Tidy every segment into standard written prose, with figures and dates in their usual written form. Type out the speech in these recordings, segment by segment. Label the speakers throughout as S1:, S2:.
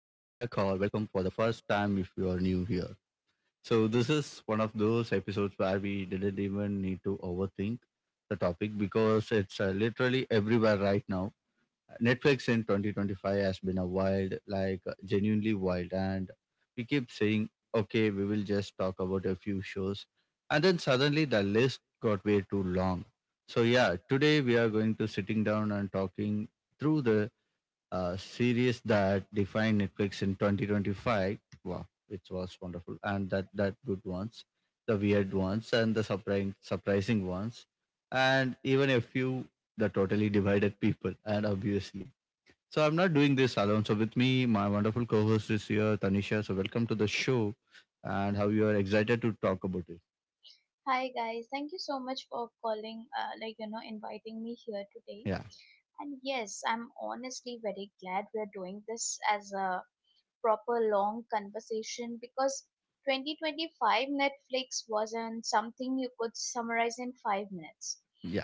S1: or welcome for the first time if you are new here. So, this is one of those episodes where we didn't even need to overthink the topic because it's literally everywhere right now. Netflix in 2025 has been a wild, genuinely wild. And we keep saying, okay, we will just talk about a few shows. And then suddenly the list got way too long. So yeah, today we are going to sitting down and talking through the series that defined Netflix in 2025. Wow, it was wonderful. And that good ones, the weird ones and the surprising ones. And even a few the totally divided people and obviously so I'm not doing this alone. So with me, my wonderful co-host is here, Tanisha. So welcome to the show, and how you are excited to talk about it.
S2: Hi guys, thank you so much for calling, inviting me here today.
S1: Yeah,
S2: And yes, I'm honestly very glad we're doing this as a proper long conversation because 2025 Netflix wasn't something you could summarize in 5 minutes.
S1: yeah,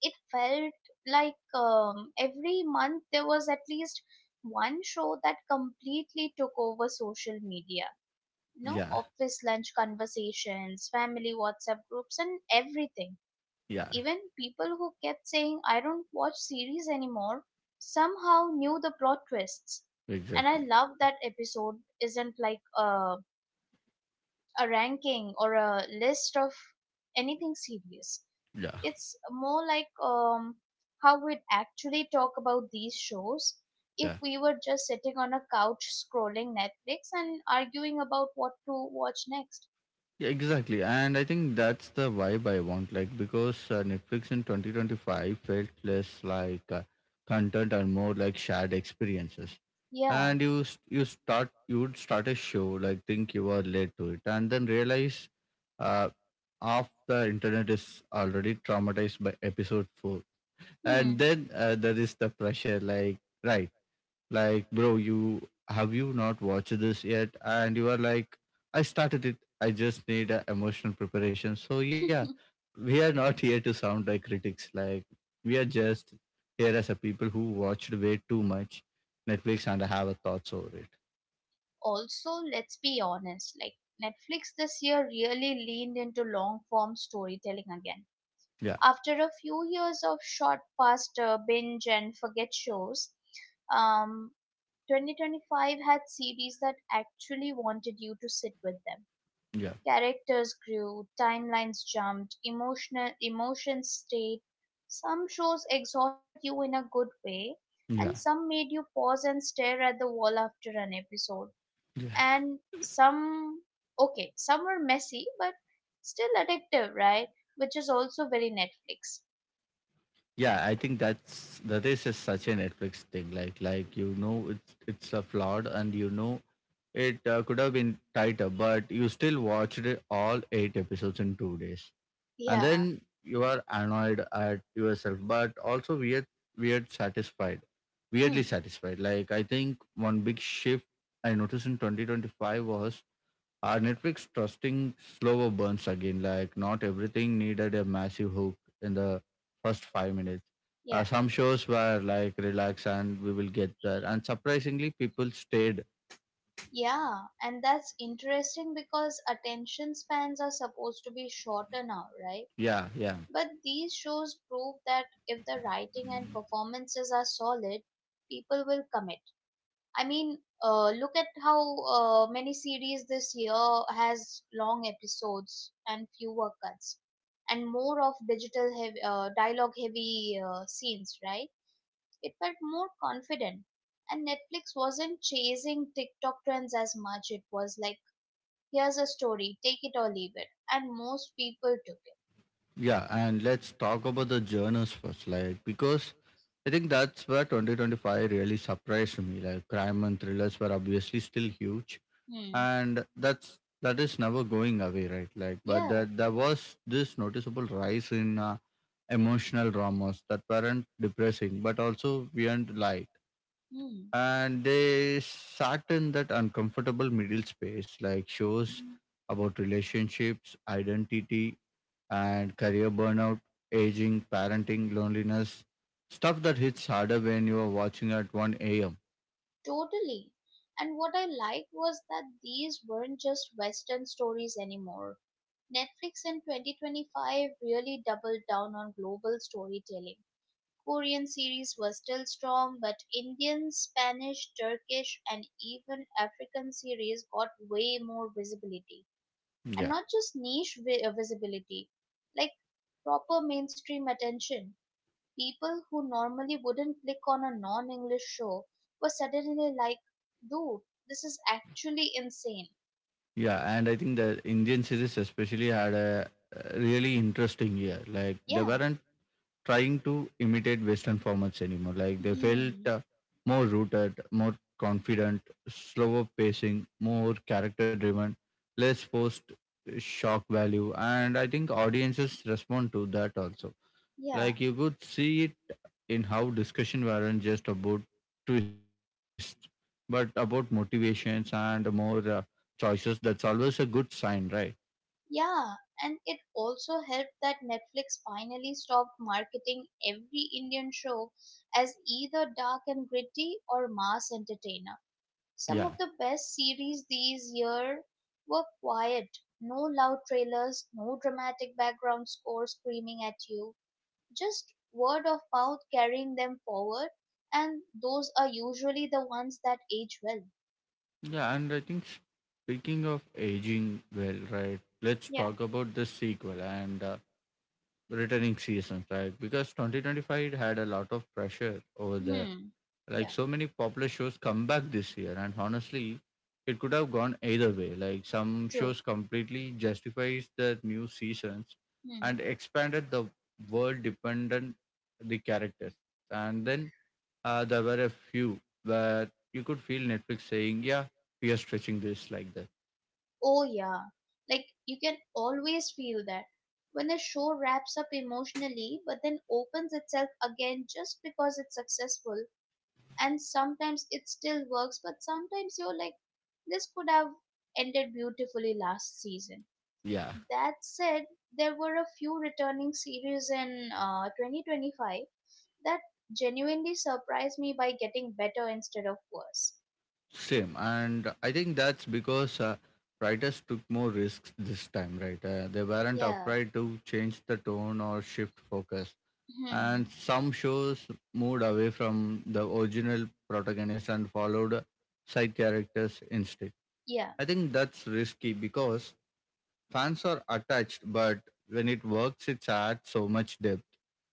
S2: It felt like every month there was at least one show that completely took over social media.
S1: yeah,
S2: You know, office lunch conversations, family WhatsApp groups, and everything,
S1: yeah.
S2: even people who kept saying, I don't watch series anymore, somehow knew the plot twists. And
S1: Exactly.
S2: I love that episode isn't like a ranking or a list of anything serious.
S1: Yeah,
S2: It's more like how we'd actually talk about these shows if
S1: yeah,
S2: we were just sitting on a couch scrolling Netflix and arguing about what to watch next.
S1: yeah. Exactly. And I think that's the vibe I want. Because Netflix in 2025 felt less like content and more like shared experiences.
S2: Yeah.
S1: And you would start a show like think you are late to it, and then realize uh, half the internet is already traumatized by episode 4. And
S2: Hmm.
S1: then there is the pressure like, right, like, bro, you have you not watched this yet? And you are like, I started it, I just need emotional preparation. So yeah, we are not here to sound like critics. Like we are just here as a people who watched way too much Netflix and have a thoughts over it.
S2: Also, let's be honest, like, Netflix this year really leaned into long form storytelling again
S1: Yeah,
S2: after a few years of short, fast, binge and forget shows. um 2025 had series that actually wanted you to sit with them.
S1: yeah,
S2: Characters grew, timelines jumped, emotional emotions stayed. Some shows exhausted you in a good way, and
S1: yeah.
S2: some made you pause and stare at the wall after an episode. And some, okay, some were messy but still addictive, right? Which is also very Netflix.
S1: Yeah, I think that's the race is such a Netflix thing. It's a flawed, and it could have been tighter, but you still watched it all 8 episodes in two days, and
S2: Yeah.
S1: then you are annoyed at yourself, but also weird satisfied, weirdly
S2: Hmm.
S1: satisfied. Like, I think one big shift I noticed in 2025 was are Netflix trusting slower burns again? Like not everything needed a massive hook in the first five minutes.
S2: Yeah,
S1: Some shows were like relax and we will get there. And surprisingly, people stayed.
S2: yeah, and that's interesting because attention spans are supposed to be shorter now, right?
S1: Yeah, yeah,
S2: But these shows prove that if the writing and performances are solid, people will commit. I mean, look at how many series this year has long episodes and fewer cuts, and more of digital heavy, dialogue heavy scenes, right? It felt more confident. And Netflix wasn't chasing TikTok trends as much. It was like, here's a story, take it or leave it. And most people took
S1: yeah. And let's talk about the journals first, like because I think that's where 2025 really surprised me. Like crime and thrillers were obviously still huge,
S2: it. Hmm.
S1: and that is never going away, right? Like but
S2: Yeah.
S1: that there was this noticeable rise in emotional dramas that weren't depressing but also weren't light,
S2: Hmm.
S1: and they sat in that uncomfortable middle space, like shows about relationships, identity, and career burnout, aging, parenting, loneliness, stuff that hits harder when you are watching at 1 a.m.
S2: Totally. And what I liked was that these weren't just Western stories anymore. Netflix in 2025 really doubled down on global storytelling. Korean series were still strong, but Indian, Spanish, Turkish, and even African series got way more visibility. And not just visibility, like proper mainstream attention. People who normally wouldn't click on a non English show were suddenly like, dude, this is actually insane.
S1: Yeah, and I think the Indian series especially had a really interesting year. Like they
S2: Yeah.
S1: weren't trying to imitate Western formats anymore. Like they felt
S2: Hmm.
S1: more rooted, more confident, slower pacing, more character driven, less forced shock value, and I think audiences respond to that also.
S2: Yeah.
S1: Like you could see it in how discussion weren't just about twists, but about motivations and more choices. That's always a good sign, right?
S2: Yeah, and it also helped that Netflix finally stopped marketing every Indian show as either dark and gritty or mass entertainer. Some
S1: Yeah.
S2: of the best series these year were quiet, no loud trailers, no dramatic background score screaming at you, just word of mouth carrying them forward, and those are usually the ones that age well.
S1: Yeah, and I think speaking of aging well, right, let's
S2: Yeah.
S1: talk about the sequel and returning seasons, right? Because 2025 had a lot of pressure over there.
S2: Hmm.
S1: Like
S2: Yeah,
S1: so many popular shows come back this year, and honestly, it could have gone either way. Like some
S2: true.
S1: shows completely justifies the new seasons and
S2: Hmm.
S1: expanded the world dependent the characters, and then there were a few where you could feel Netflix saying, "Yeah, we are stretching this like that."
S2: Oh, yeah. Like, you can always feel that. When a show wraps up emotionally but then opens itself again just because it's successful, and sometimes it still works, but sometimes you're like, this could have ended beautifully last season.
S1: Yeah,
S2: That said, there were a few returning series in 2025 that genuinely surprised me by getting better instead of worse.
S1: same, and I think that's because. Writers took more risks this time, right? They weren't
S2: Yeah.
S1: afraid to change the tone or shift focus. And
S2: Hmm.
S1: some shows moved away from the original protagonist and followed side characters instead.
S2: Yeah.
S1: I think that's risky because fans are attached, but when it works, it adds so much depth,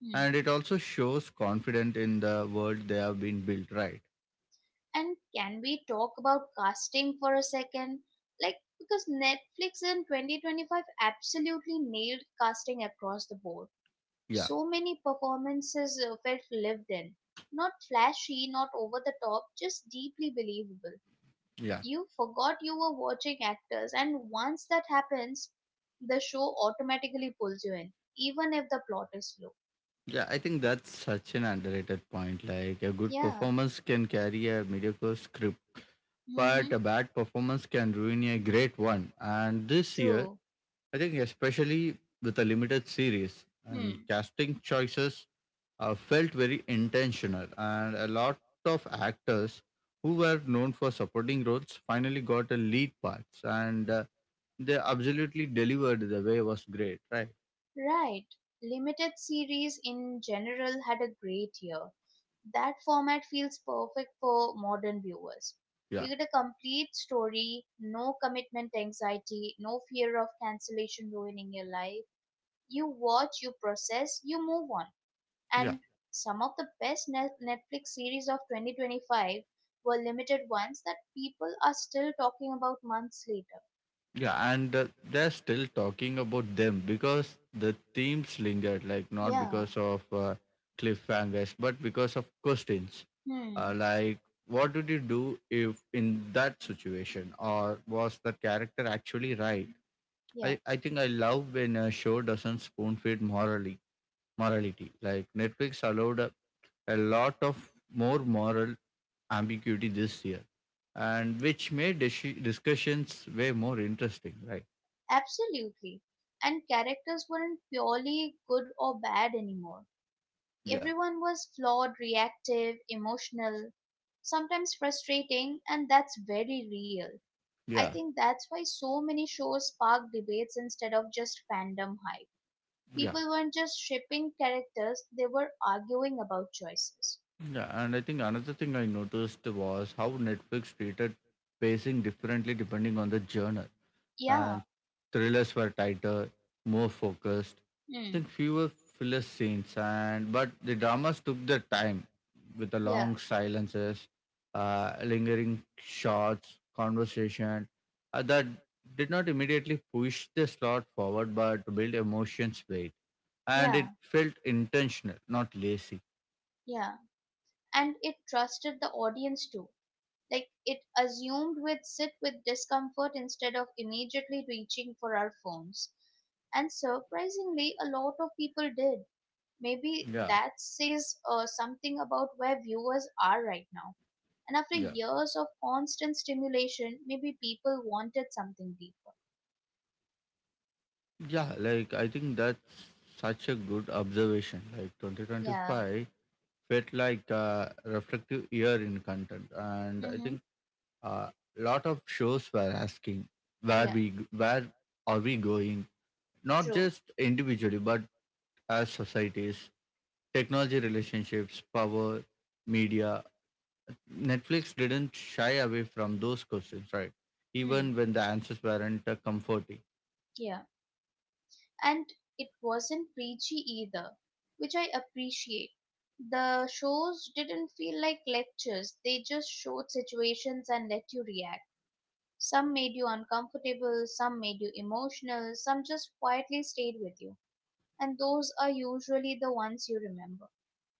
S2: Hmm.
S1: and it also shows confidence in the world they have been built, right?
S2: And can we talk about casting for a second? Like, because Netflix in 2025 absolutely nailed casting across the board.
S1: Yeah,
S2: So many performances felt lived in. Not flashy, not over the top, just deeply believable.
S1: yeah.
S2: You forgot you were watching actors, and once that happens, the show automatically pulls you in, even if the plot is slow.
S1: Yeah, I think that's such an underrated point. Like a good
S2: Yeah,
S1: performance can carry a mediocre script,
S2: mm-hmm.
S1: but a bad performance can ruin a great one. And this year,
S2: True.
S1: I think especially with a limited series and
S2: Hmm.
S1: casting choices felt very intentional, and a lot of actors who were known for supporting roles finally got a lead parts and they absolutely delivered the way was great, right?
S2: Right. Limited series in general had a great year. That format feels perfect for modern viewers.
S1: Yeah.
S2: You get a complete story, no commitment anxiety, no fear of cancellation ruining your life. You watch, you process, you move on. And some of the best Netflix series of 2025 were limited ones that people are still talking about months later.
S1: Yeah, and they're still talking about them because the themes lingered, like not
S2: Yeah.
S1: because of cliffhangers, but because of questions.
S2: Hmm.
S1: Like, what would you do if in that situation, or was the character actually right?
S2: Yeah.
S1: I think I love when a show doesn't spoon feed morally morality. Like Netflix allowed a lot of more moral ambiguity this year, and which made discussions way more interesting, right?
S2: Absolutely. And characters weren't purely good or bad anymore.
S1: Yeah,
S2: Everyone was flawed, reactive, emotional, sometimes frustrating, and that's very real. I
S1: yeah,
S2: think that's why so many shows spark debates instead of just fandom hype.
S1: yeah,
S2: People weren't just shipping characters, they were arguing about choices.
S1: yeah. And I think another thing I noticed was how Netflix treated pacing differently depending on the genre.
S2: Yeah,
S1: And thrillers were tighter, more focused. I
S2: mm,
S1: think fewer filler scenes, and but the dramas took their time with the
S2: yeah,
S1: long silences, lingering shots, conversation that did not immediately push the slot forward, but build emotions weight. And
S2: yeah,
S1: it felt intentional, not lazy.
S2: yeah. And it trusted the audience too, like it assumed we'd sit with discomfort instead of immediately reaching for our phones. And surprisingly, a lot of people did. Maybe
S1: Yeah,
S2: that says something about where viewers are right now. And after
S1: yeah,
S2: years of constant stimulation, maybe people wanted something deeper.
S1: yeah. Like I think that's such a good observation. Like
S2: Yeah.
S1: 2025 felt like a reflective year in content, and I
S2: Mm-hmm.
S1: think a lot of shows were asking
S2: Yeah.
S1: where are we going, not
S2: True.
S1: just individually but as societies, technology, relationships, power, media. Netflix didn't shy away from those questions, right? Even
S2: Hmm.
S1: when the answers weren't comforting.
S2: Yeah, and it wasn't preachy either, which I appreciate. The shows didn't feel like lectures, they just showed situations and let you react. Some made you uncomfortable, some made you emotional, some just quietly stayed with you. And those are usually the ones you remember.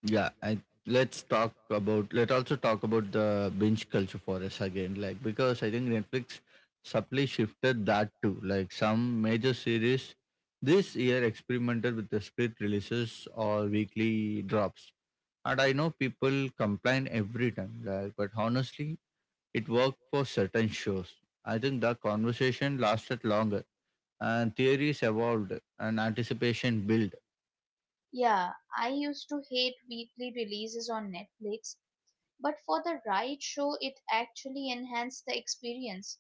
S1: Yeah, and let's also talk about the binge culture for us again, like because I think Netflix subtly shifted that too. Like some major series this year experimented with the split releases or weekly drops. And I know people complain every time, like, but honestly, it worked for certain shows. I think the conversation lasted longer, and theories evolved, and anticipation built.
S2: Yeah, I used to hate weekly releases on Netflix, but for the right show, it actually enhanced the experience.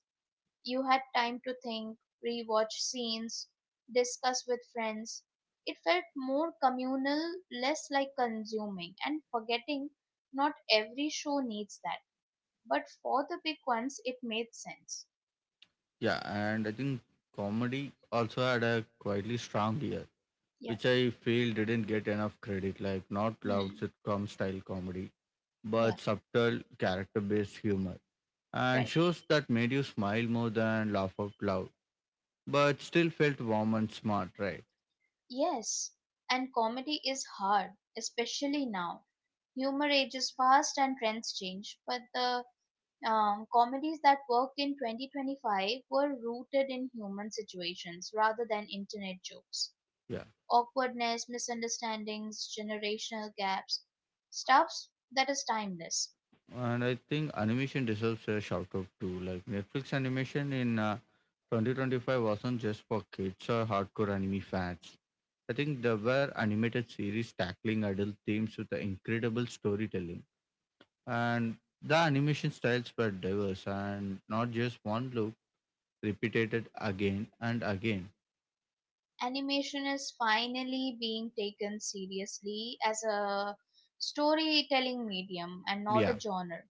S2: You had time to think, rewatch scenes, discuss with friends. It felt more communal, less like consuming and forgetting. Not every show needs that, but for the big ones, it made sense.
S1: Yeah, and I think comedy also had a quietly strong year,
S2: Yeah.
S1: which I feel didn't get enough credit, like not loud
S2: Hmm.
S1: sitcom style comedy,
S2: Yeah.
S1: but subtle character based humor. And
S2: Right.
S1: shows that made you smile more than laugh out loud, but still felt warm and smart, right?
S2: Yes, and comedy is hard, especially now. Humor ages fast and trends change, but the comedies that worked in 2025 were rooted in human situations rather than internet jokes.
S1: Yeah.
S2: Awkwardness, misunderstandings, generational gaps, stuff that is timeless.
S1: And I think animation deserves a shout out too. Like Netflix animation in 2025 wasn't just for kids or hardcore anime fans. I think there were animated series tackling adult themes with incredible storytelling. And the animation styles were diverse and not just one look repeated again and again.
S2: Animation is finally being taken seriously as a storytelling medium and not
S1: Yeah,
S2: a genre,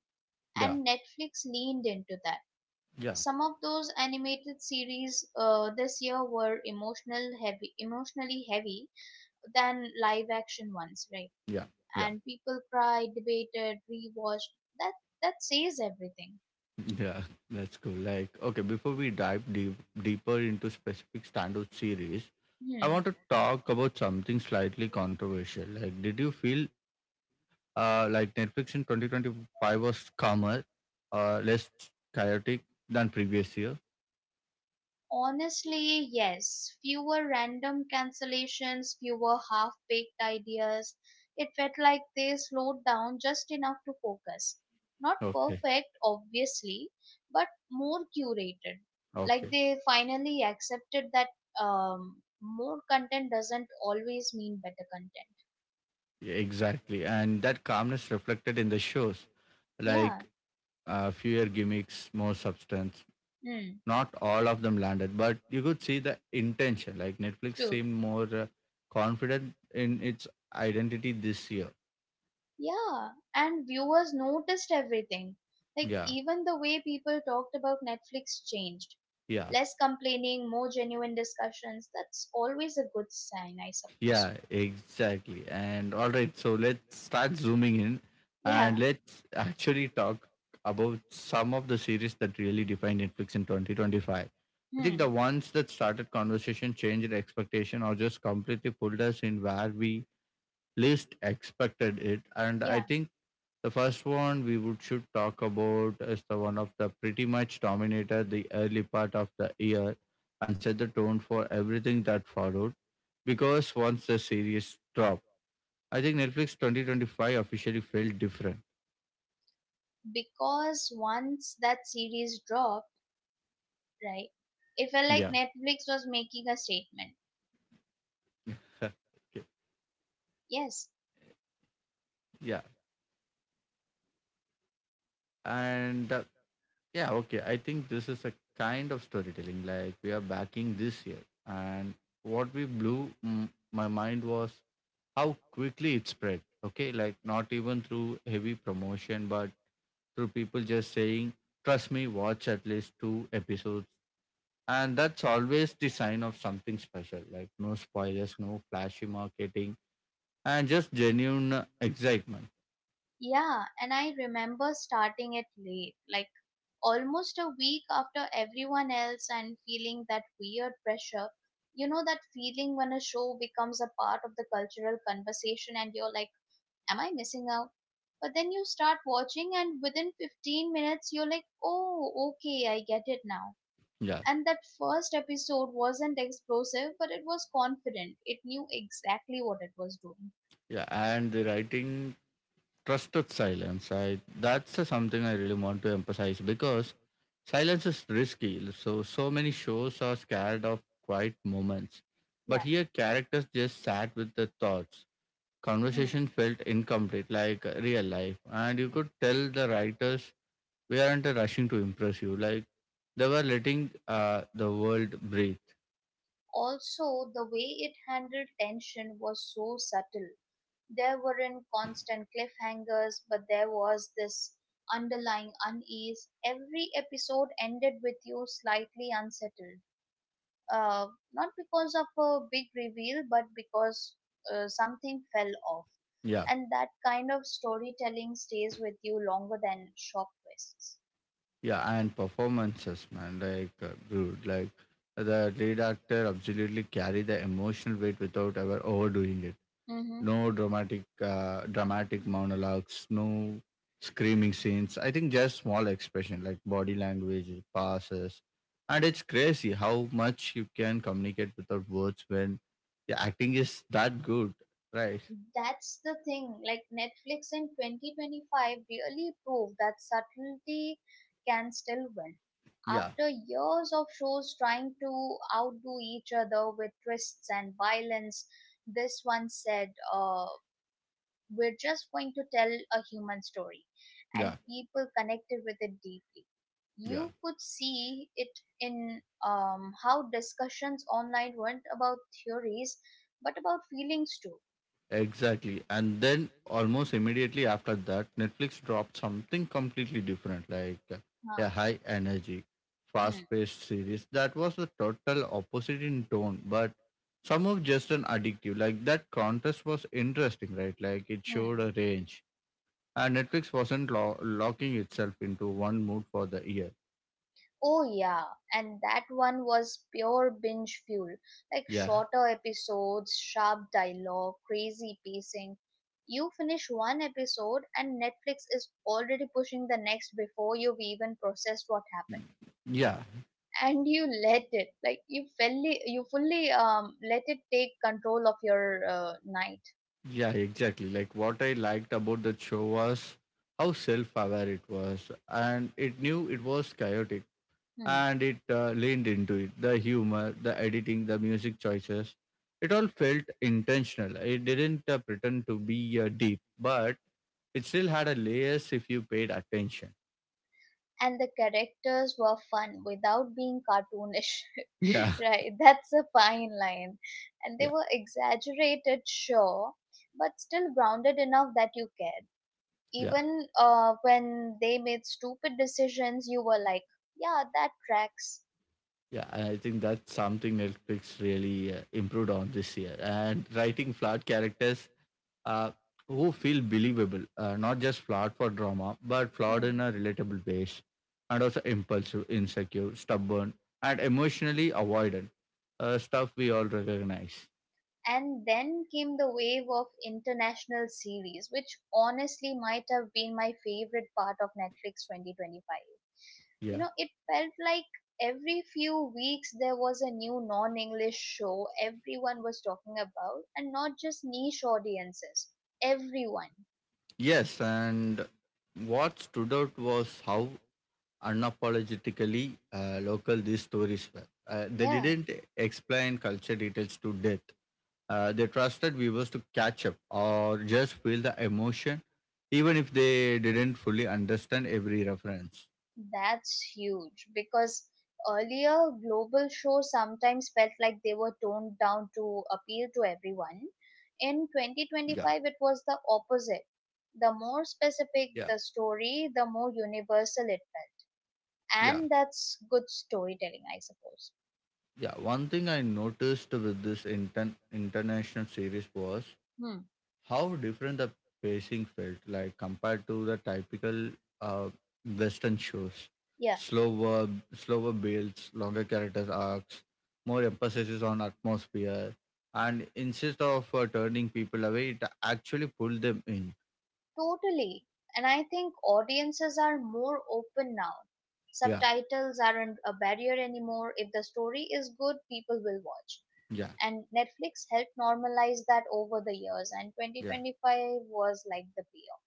S1: yeah,
S2: and Netflix leaned into that.
S1: yeah,
S2: Some of those animated series this year were emotionally heavy, than live action ones, right?
S1: yeah, yeah,
S2: And people cried, debated, rewatched. That that says everything.
S1: yeah. That's cool. Like, okay, before we dive deeper into specific standout series, I
S2: Hmm.
S1: want to talk about something slightly controversial. Like, did you feel like Netflix in 2025 was calmer, less chaotic than previous year?
S2: Honestly, yes. Fewer random cancellations, fewer half baked ideas. It felt like they slowed down just enough to focus. Not
S1: Okay,
S2: perfect, obviously, but more curated. Like
S1: okay.
S2: they finally accepted that um, more content doesn't always mean better content.
S1: Yeah, exactly. And that calmness reflected in the shows, like
S2: Yeah,
S1: fewer gimmicks, more substance.
S2: mm,
S1: Not all of them landed, but you could see the intention. Like Netflix
S2: true.
S1: seemed more confident in its identity this year.
S2: Yeah, and viewers noticed everything. Like,
S1: Yeah,
S2: even the way people talked about Netflix changed.
S1: yeah.
S2: Less complaining, more genuine discussions. That's always a good sign, I suppose.
S1: Yeah, exactly. And all right, so let's start zooming in and
S2: Yeah,
S1: let's actually talk about some of the series that really defined Netflix in 2025. I think the
S2: hmm,
S1: ones that started conversation, changed expectation, or just completely pulled us in where we least expected it. And I
S2: yeah.
S1: think the first one we would should talk about is the one of the pretty much dominated the early part of the year and set the tone for everything that followed, because once the series dropped, I think Netflix 2025 officially felt different.
S2: Because once that series dropped, right, it felt like
S1: Yeah.
S2: Netflix was making a statement.
S1: Okay.
S2: Yes,
S1: Yeah. And yeah, okay. I think this is a kind of storytelling like we are backing this year. And what we blew my mind was how quickly it spread. Okay. Like not even through heavy promotion, but through people just saying, trust me, watch at least two episodes. And that's always the sign of something special. Like no spoilers, no flashy marketing, and just genuine excitement.
S2: yeah, and I remember starting it late, like almost a week after everyone else and feeling that weird pressure. You know, that feeling when a show becomes a part of the cultural conversation and you're like, am I missing out? But then you start watching, and within 15 minutes, you're like, oh, okay, I get it now.
S1: Yeah,
S2: And that first episode wasn't explosive, but it was confident. It knew exactly what it was doing.
S1: yeah, and the writing trusted silence. I that's something I really want to emphasize because silence is risky. So many shows are scared of quiet moments, but
S2: Yeah.
S1: here characters just sat with their thoughts.
S2: Hmm.
S1: Conversation felt incomplete, like real life, and you could tell the writers we aren't rushing to impress you. Like they were letting the world breathe.
S2: Also, the way it handled tension was so subtle. There weren't constant cliffhangers, but there was this underlying unease. Every episode ended with you slightly unsettled. Not because of a big reveal, but because something fell off.
S1: Yeah.
S2: And that kind of storytelling stays with you longer than shock twists.
S1: Yeah, and performances, man. Like, dude, like the lead actor absolutely carry the emotional weight without ever overdoing it.
S2: Mm-hmm.
S1: No dramatic monologues, no screaming scenes. I think just small expression like body language, passes, and it's crazy how much you can communicate without words when the acting is that good, right?
S2: That's the thing, like, Netflix in 2025 really proved that subtlety can still win
S1: Yeah,
S2: after years of shows trying to outdo each other with twists and violence. This one said, we're just going to tell a human story, and
S1: yeah,
S2: people connected with it deeply.
S1: yeah.
S2: You could see it in how discussions online weren't about theories but about feelings too.
S1: Exactly. And then almost immediately after that, Netflix dropped something completely different, like a
S2: Huh.
S1: high energy, fast paced series that was the total opposite in tone, but some of just an addictive. Like that contrast was interesting, right? Like it showed
S2: Hmm.
S1: a range. And Netflix wasn't locking itself into one mood for the year.
S2: Oh yeah, and that one was pure binge fuel. Like
S1: Yeah.
S2: shorter episodes, sharp dialogue, crazy pacing. You finish one episode and Netflix is already pushing the next before you've even processed what happened.
S1: Yeah.
S2: And you let it, like you fully let it take control of your night.
S1: Yeah, exactly. Like what I liked about that show was how self aware it was, and it knew it was chaotic
S2: Hmm.
S1: and it leaned into it. The humor, the editing, the music choices, it all felt intentional. It didn't pretend to be deep, but it still had a layers if you paid attention.
S2: And the characters were fun without being cartoonish.
S1: Yeah,
S2: Right, that's a fine line. And they
S1: yeah,
S2: were exaggerated, sure, but still grounded enough that you cared.
S1: yeah.
S2: Even when they made stupid decisions, you were like, yeah, that tracks.
S1: Yeah, and I think that's something Netflix really improved on this year. And writing flawed characters uh, who feel believable, not just flawed for drama, but flawed in
S2: Hmm.
S1: a relatable ways, and also impulsive, insecure, stubborn, and emotionally avoidant. Stuff we all recognize.
S2: And then came the wave of international series, which honestly might have been my favorite part of Netflix 2025. You
S1: Yeah.
S2: know, it felt like every few weeks there was a new non-english show everyone was talking about, and not just niche audiences, everyone.
S1: Yes, and what stood out was how unapologetically local these stories were. They
S2: Yeah,
S1: didn't explain culture details to death. They trusted viewers to catch up or just feel the emotion, even if they didn't fully understand every reference.
S2: that's huge, because earlier global shows sometimes felt like they were toned down to appeal to everyone.
S1: Yeah,
S2: In 2025 it was the opposite. The more
S1: yeah,
S2: specific the story, the more universal it felt.
S1: yeah,
S2: And that's good storytelling, I suppose.
S1: yeah. One thing I noticed with this international series was
S2: Hmm.
S1: how different the pacing felt like compared to the typical uh, western shows,
S2: Yeah.
S1: slower, slower builds, longer characters arcs, more emphasis on atmosphere, and instead of turning people away, it actually pulled them in.
S2: Totally. And I think audiences are more open now.
S1: yeah
S2: Subtitles aren't a barrier anymore. If the story is good, people will watch.
S1: yeah
S2: And Netflix helped normalize that over the years, and
S1: yeah
S2: 2025 was like the payoff.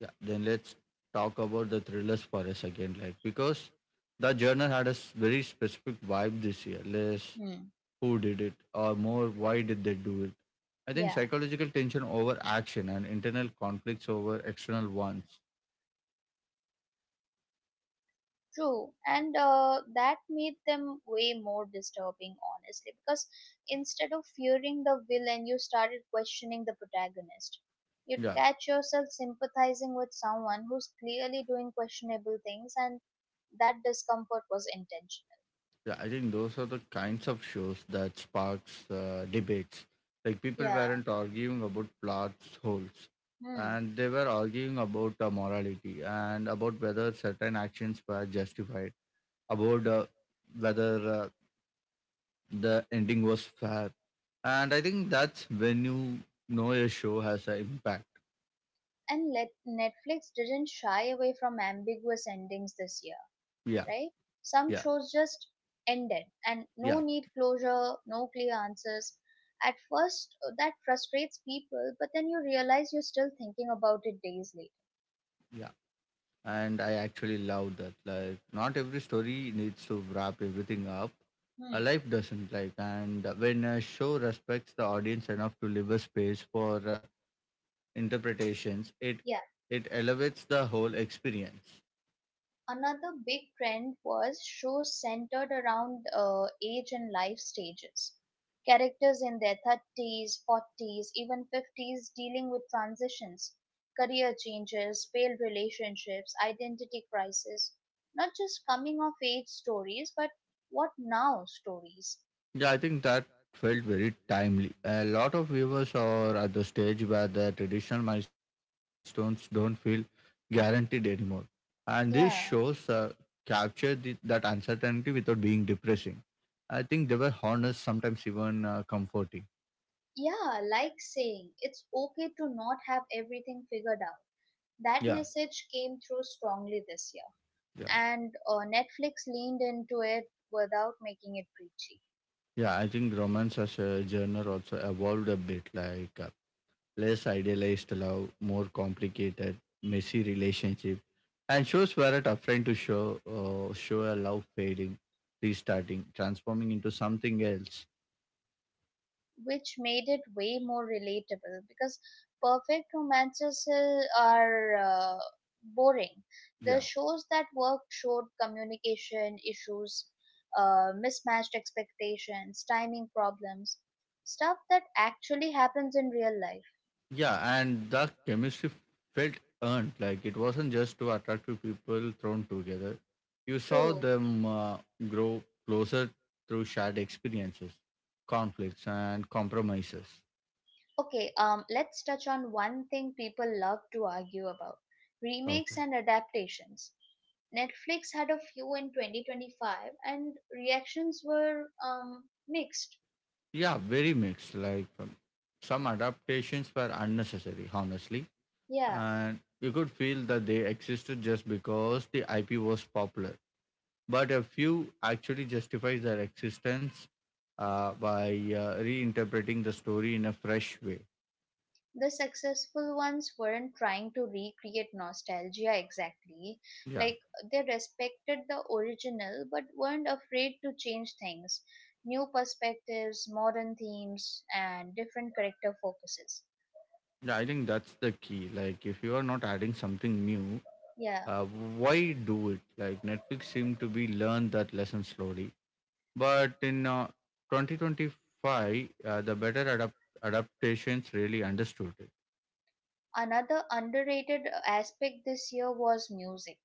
S1: yeah Then let's talk about the thrillers for us again, like, because the genre had very specific vibe this year, less
S2: Hmm.
S1: who did it or more why did they do it. I think
S2: Yeah.
S1: psychological tension over action and internal conflicts over external ones.
S2: True, and that made them way more disturbing, honestly, because instead of fearing the villain, you started questioning the protagonist. You'd
S1: Yeah,
S2: catch yourself sympathizing with someone who's clearly doing questionable things, and that discomfort was intentional.
S1: yeah. I think those are the kinds of shows that sparks debates. Like people
S2: Yeah.
S1: weren't arguing about plots holes,
S2: Hmm.
S1: and they were arguing about morality and about whether certain actions were justified, about whether uh, the ending was fair. And I think that's when you know a show has an impact.
S2: And Netflix didn't shy away from ambiguous endings this year.
S1: Yeah,
S2: Right? Some
S1: yeah,
S2: shows just ended and no
S1: yeah,
S2: need closure, no clear answers. At first, that frustrates people, but then you realize you're still thinking about it days later.
S1: yeah. And I actually love that. Like, not every story needs to wrap everything up. A
S2: Hmm.
S1: life doesn't like, and when a show respects the audience enough to leave a space for interpretations, it elevates the whole experience.
S2: Another big trend was shows centered around age and life stages. Characters in their 30s, 40s, even 50s dealing with transitions, career changes, failed relationships, identity crisis. Not just coming of age stories, but what now stories.
S1: Yeah, I think that felt very timely. A lot of viewers are at the stage where the traditional milestones don't feel guaranteed anymore, and these shows
S2: Yeah.
S1: capture that uncertainty without being depressing. I think they were honest, sometimes even comforting.
S2: Yeah, like saying it's okay to not have everything figured out. That
S1: Yeah,
S2: message came through strongly this year.
S1: yeah,
S2: And Netflix leaned into it without making it preachy,
S1: yeah, I think romance as a genre also evolved a bit, like less idealized love, more complicated, messy relationship, and shows were it afraid to show show a love fading, restarting, transforming into something else.
S2: which made it way more relatable because perfect romances are boring. The
S1: Yeah.
S2: shows that worked showed communication issues, mismatched expectations, timing problems, stuff that actually happens in real life.
S1: Yeah, and the chemistry felt earned. Like it wasn't just two attractive people thrown together. You saw
S2: True.
S1: them grow closer through shared experiences, conflicts, and compromises.
S2: Okay, let's touch on one thing people love to argue about, remakes
S1: Okay.
S2: and adaptations. Netflix had a few in 2025 and reactions were mixed.
S1: Yeah, very mixed. Like some adaptations were unnecessary, honestly,
S2: Yeah,
S1: and you could feel that they existed just because the IP was popular. But a few actually justify their existence by reinterpreting the story in a fresh way.
S2: the successful ones weren't trying to recreate nostalgia exactly.
S1: Yeah,
S2: Like, they respected the original but weren't afraid to change things, new perspectives, modern themes, and different character focuses.
S1: yeah, I think that's the key. Like, if you are not adding something new,
S2: Yeah,
S1: uh, why do it? Like, Netflix seemed to be learned that lesson slowly. But in 2025, the better adaptations really understood it.
S2: another underrated aspect this year was music.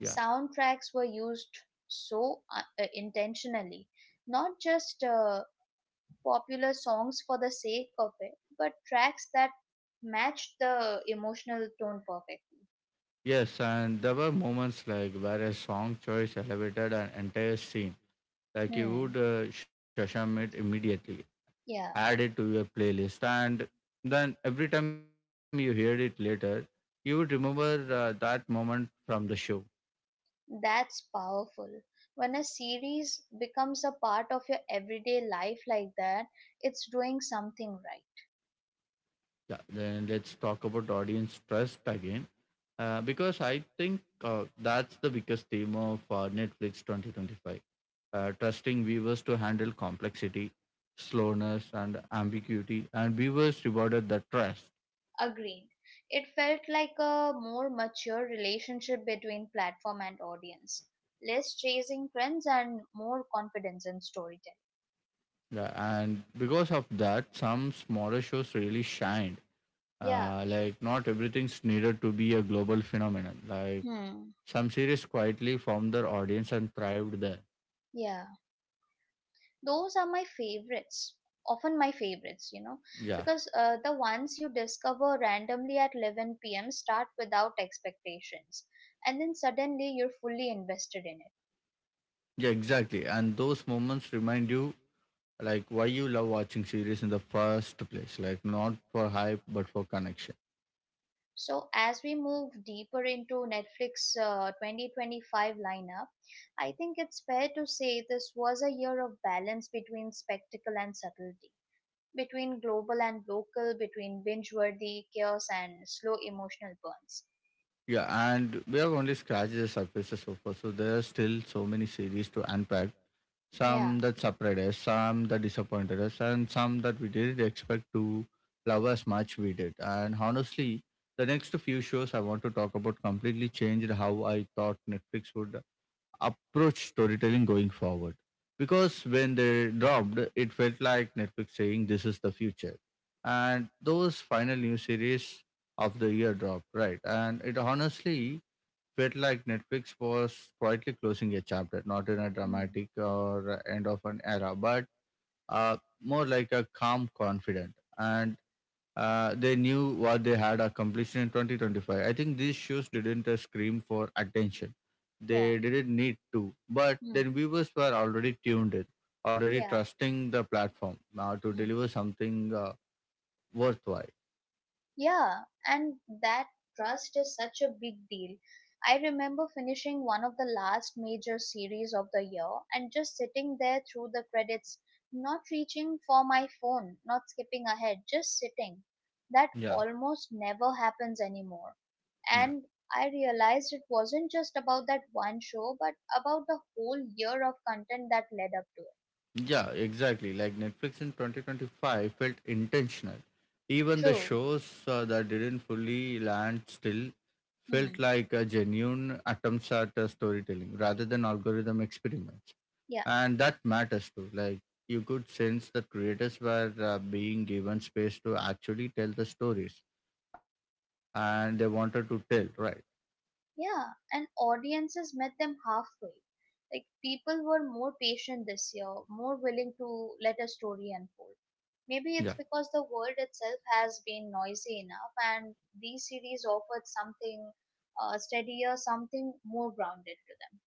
S1: Yeah.
S2: Soundtracks were used so intentionally, not just popular songs for the sake of it, but tracks that matched the emotional tone perfectly.
S1: Yes, and there were moments like where a song choice elevated an entire scene. Like you
S2: Hmm.
S1: would shazam it immediately, add
S2: Yeah,
S1: it to your playlist, and then every time you hear it later, you would remember that moment from the show.
S2: that's powerful. When a series becomes a part of your everyday life like that, it's doing something right.
S1: Yeah, then let's talk about audience trust again, because I think that's the biggest theme of Netflix 2025, trusting viewers to handle complexity, slowness, and ambiguity, and viewers rewarded the trust.
S2: Agreed. It felt like a more mature relationship between platform and audience, less chasing trends and more confidence in storytelling.
S1: Yeah, and because of that, some smaller shows really shined.
S2: Yeah.
S1: Like not everything's needed to be a global phenomenon. Like
S2: Hmm.
S1: some series quietly formed their audience and thrived there.
S2: Yeah. Those are my favorites. Often my favorites, you know,
S1: Yeah,
S2: because the ones you discover randomly at 11 p.m. start without expectations, and then suddenly you're fully invested in it.
S1: yeah, exactly. And those moments remind you like why you love watching series in the first place. Like not for hype but for connection.
S2: So, as we move deeper into Netflix 2025 lineup, I think it's fair to say this was a year of balance between spectacle and subtlety, between global and local, between binge worthy chaos and slow emotional burns.
S1: Yeah, and we have only scratched the surface so far, so there are still so many series to unpack.
S2: Yeah.
S1: Some that surprised us, some that disappointed us, and some that we didn't expect to love as much we did. And honestly, the next few shows I want to talk about completely changed how I thought Netflix would approach storytelling going forward. Because when they dropped, it felt like Netflix saying this is the future. And those final new series of the year dropped, right? And it honestly felt like Netflix was quietly closing a chapter, not in a
S2: Mm.
S1: dramatic or end of an era, but uh, more like a calm, confident. And they knew what they had accomplished in 2025. I think these shows didn't scream for attention.
S2: Yeah.
S1: They didn't need to, but
S2: Mm.
S1: then viewers were already tuned in, already
S2: Yeah.
S1: trusting the platform now to
S2: Hmm.
S1: deliver something worthwhile.
S2: Yeah, and that trust is such a big deal. I remember finishing one of the last major series of the year and just sitting there through the credits, not reaching for my phone, not skipping ahead, just sitting. That
S1: Yeah.
S2: almost never happens anymore. And I realized it wasn't just about that one show, but about the whole year of content that led up to it.
S1: Yeah, exactly. Like Netflix in 2025 felt intentional. Even the
S2: True.
S1: shows that didn't fully land still felt
S2: Hmm.
S1: like a genuine attempts at storytelling rather than algorithm experiments.
S2: Yeah.
S1: And that matters too. Like you could sense that creators were being given space to actually tell the stories and they wanted to tell, right?
S2: Yeah, and audiences met them halfway. Like, people were more patient this year, more willing to let a story unfold. Maybe it's
S1: Yeah.
S2: because the world itself has been noisy enough, and these series offered something steadier, something more grounded to them.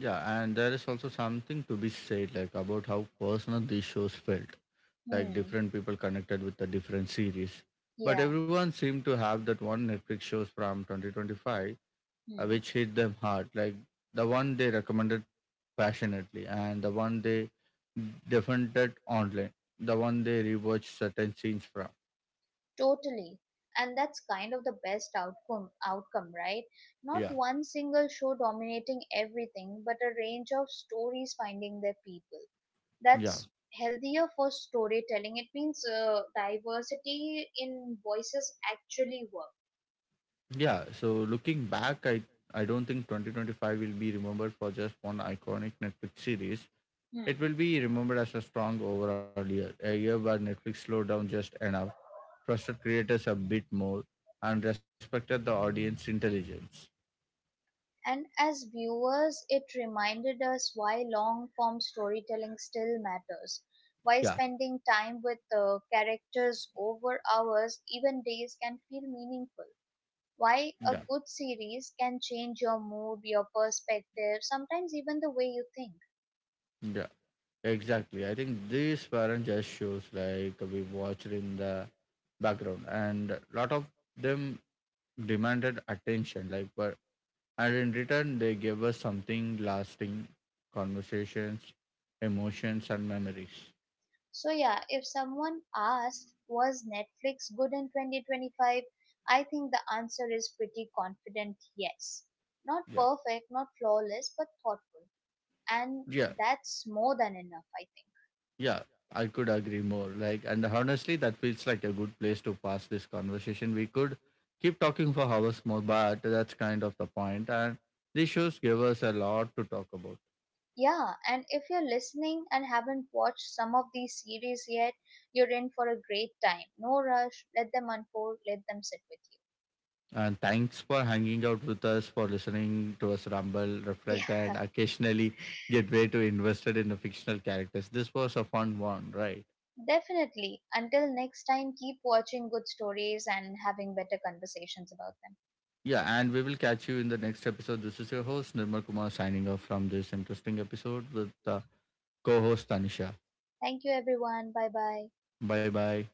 S1: Yeah, and there is also something to be said like about how personal these shows felt, like
S2: Hmm.
S1: different people connected with the different series. But
S2: Yeah.
S1: everyone seemed to have that one Netflix shows from 2025,
S2: Hmm.
S1: which hit them hard, like the one they recommended passionately and the one they defended online, the one they rewatched certain scenes from.
S2: Totally. And that's kind of the best outcome. Outcome, right? Not
S1: Yeah,
S2: one single show dominating everything, but a range of stories finding their people.
S1: yeah,
S2: That's healthier for storytelling. It means diversity in voices actually work.
S1: yeah. So looking back, I don't think 2025 will be remembered for just one iconic Netflix series. It
S2: Hmm.
S1: will be remembered as a strong overall year, a year where Netflix slowed down just enough, trusted creators a bit more, and respected the audience intelligence.
S2: And as viewers, it reminded us why long form storytelling still matters. Why
S1: Yeah,
S2: spending time with characters over hours, even days, can feel meaningful.
S1: yeah,
S2: Why a good series can change your mood, your perspective, sometimes even the way you think.
S1: yeah. Exactly. I think these weren't just shows like we watched in the background, and lot of them demanded attention. Like, but and in return, they gave us something lasting, conversations, emotions, and memories.
S2: So yeah, if someone asks, was Netflix good in 2025? I think the answer is pretty confident yes. Not
S1: Yeah,
S2: perfect, not flawless, but thoughtful. And
S1: yeah.
S2: that's more than enough, I think.
S1: Yeah, I could agree more. Like, and honestly, that feels like a good place to pass this conversation. We could keep talking for hours more, but that's kind of the point. And these shows give us a lot to talk about.
S2: Yeah, and if you're listening and haven't watched some of these series yet, you're in for a great time. No rush, let them unfold, let them sit with
S1: And thanks for hanging out with us, for listening to us ramble,
S2: you.
S1: reflect, and occasionally get way too invested in the fictional characters. This was a fun one, right?
S2: Yeah, definitely. Until next time, keep watching good stories and having better conversations about them.
S1: Yeah, and we will catch you in the next episode. This is your host, Nirmal Kumar, signing off from this interesting episode with co host Tanisha.
S2: Thank you, everyone. Bye bye.
S1: Bye bye.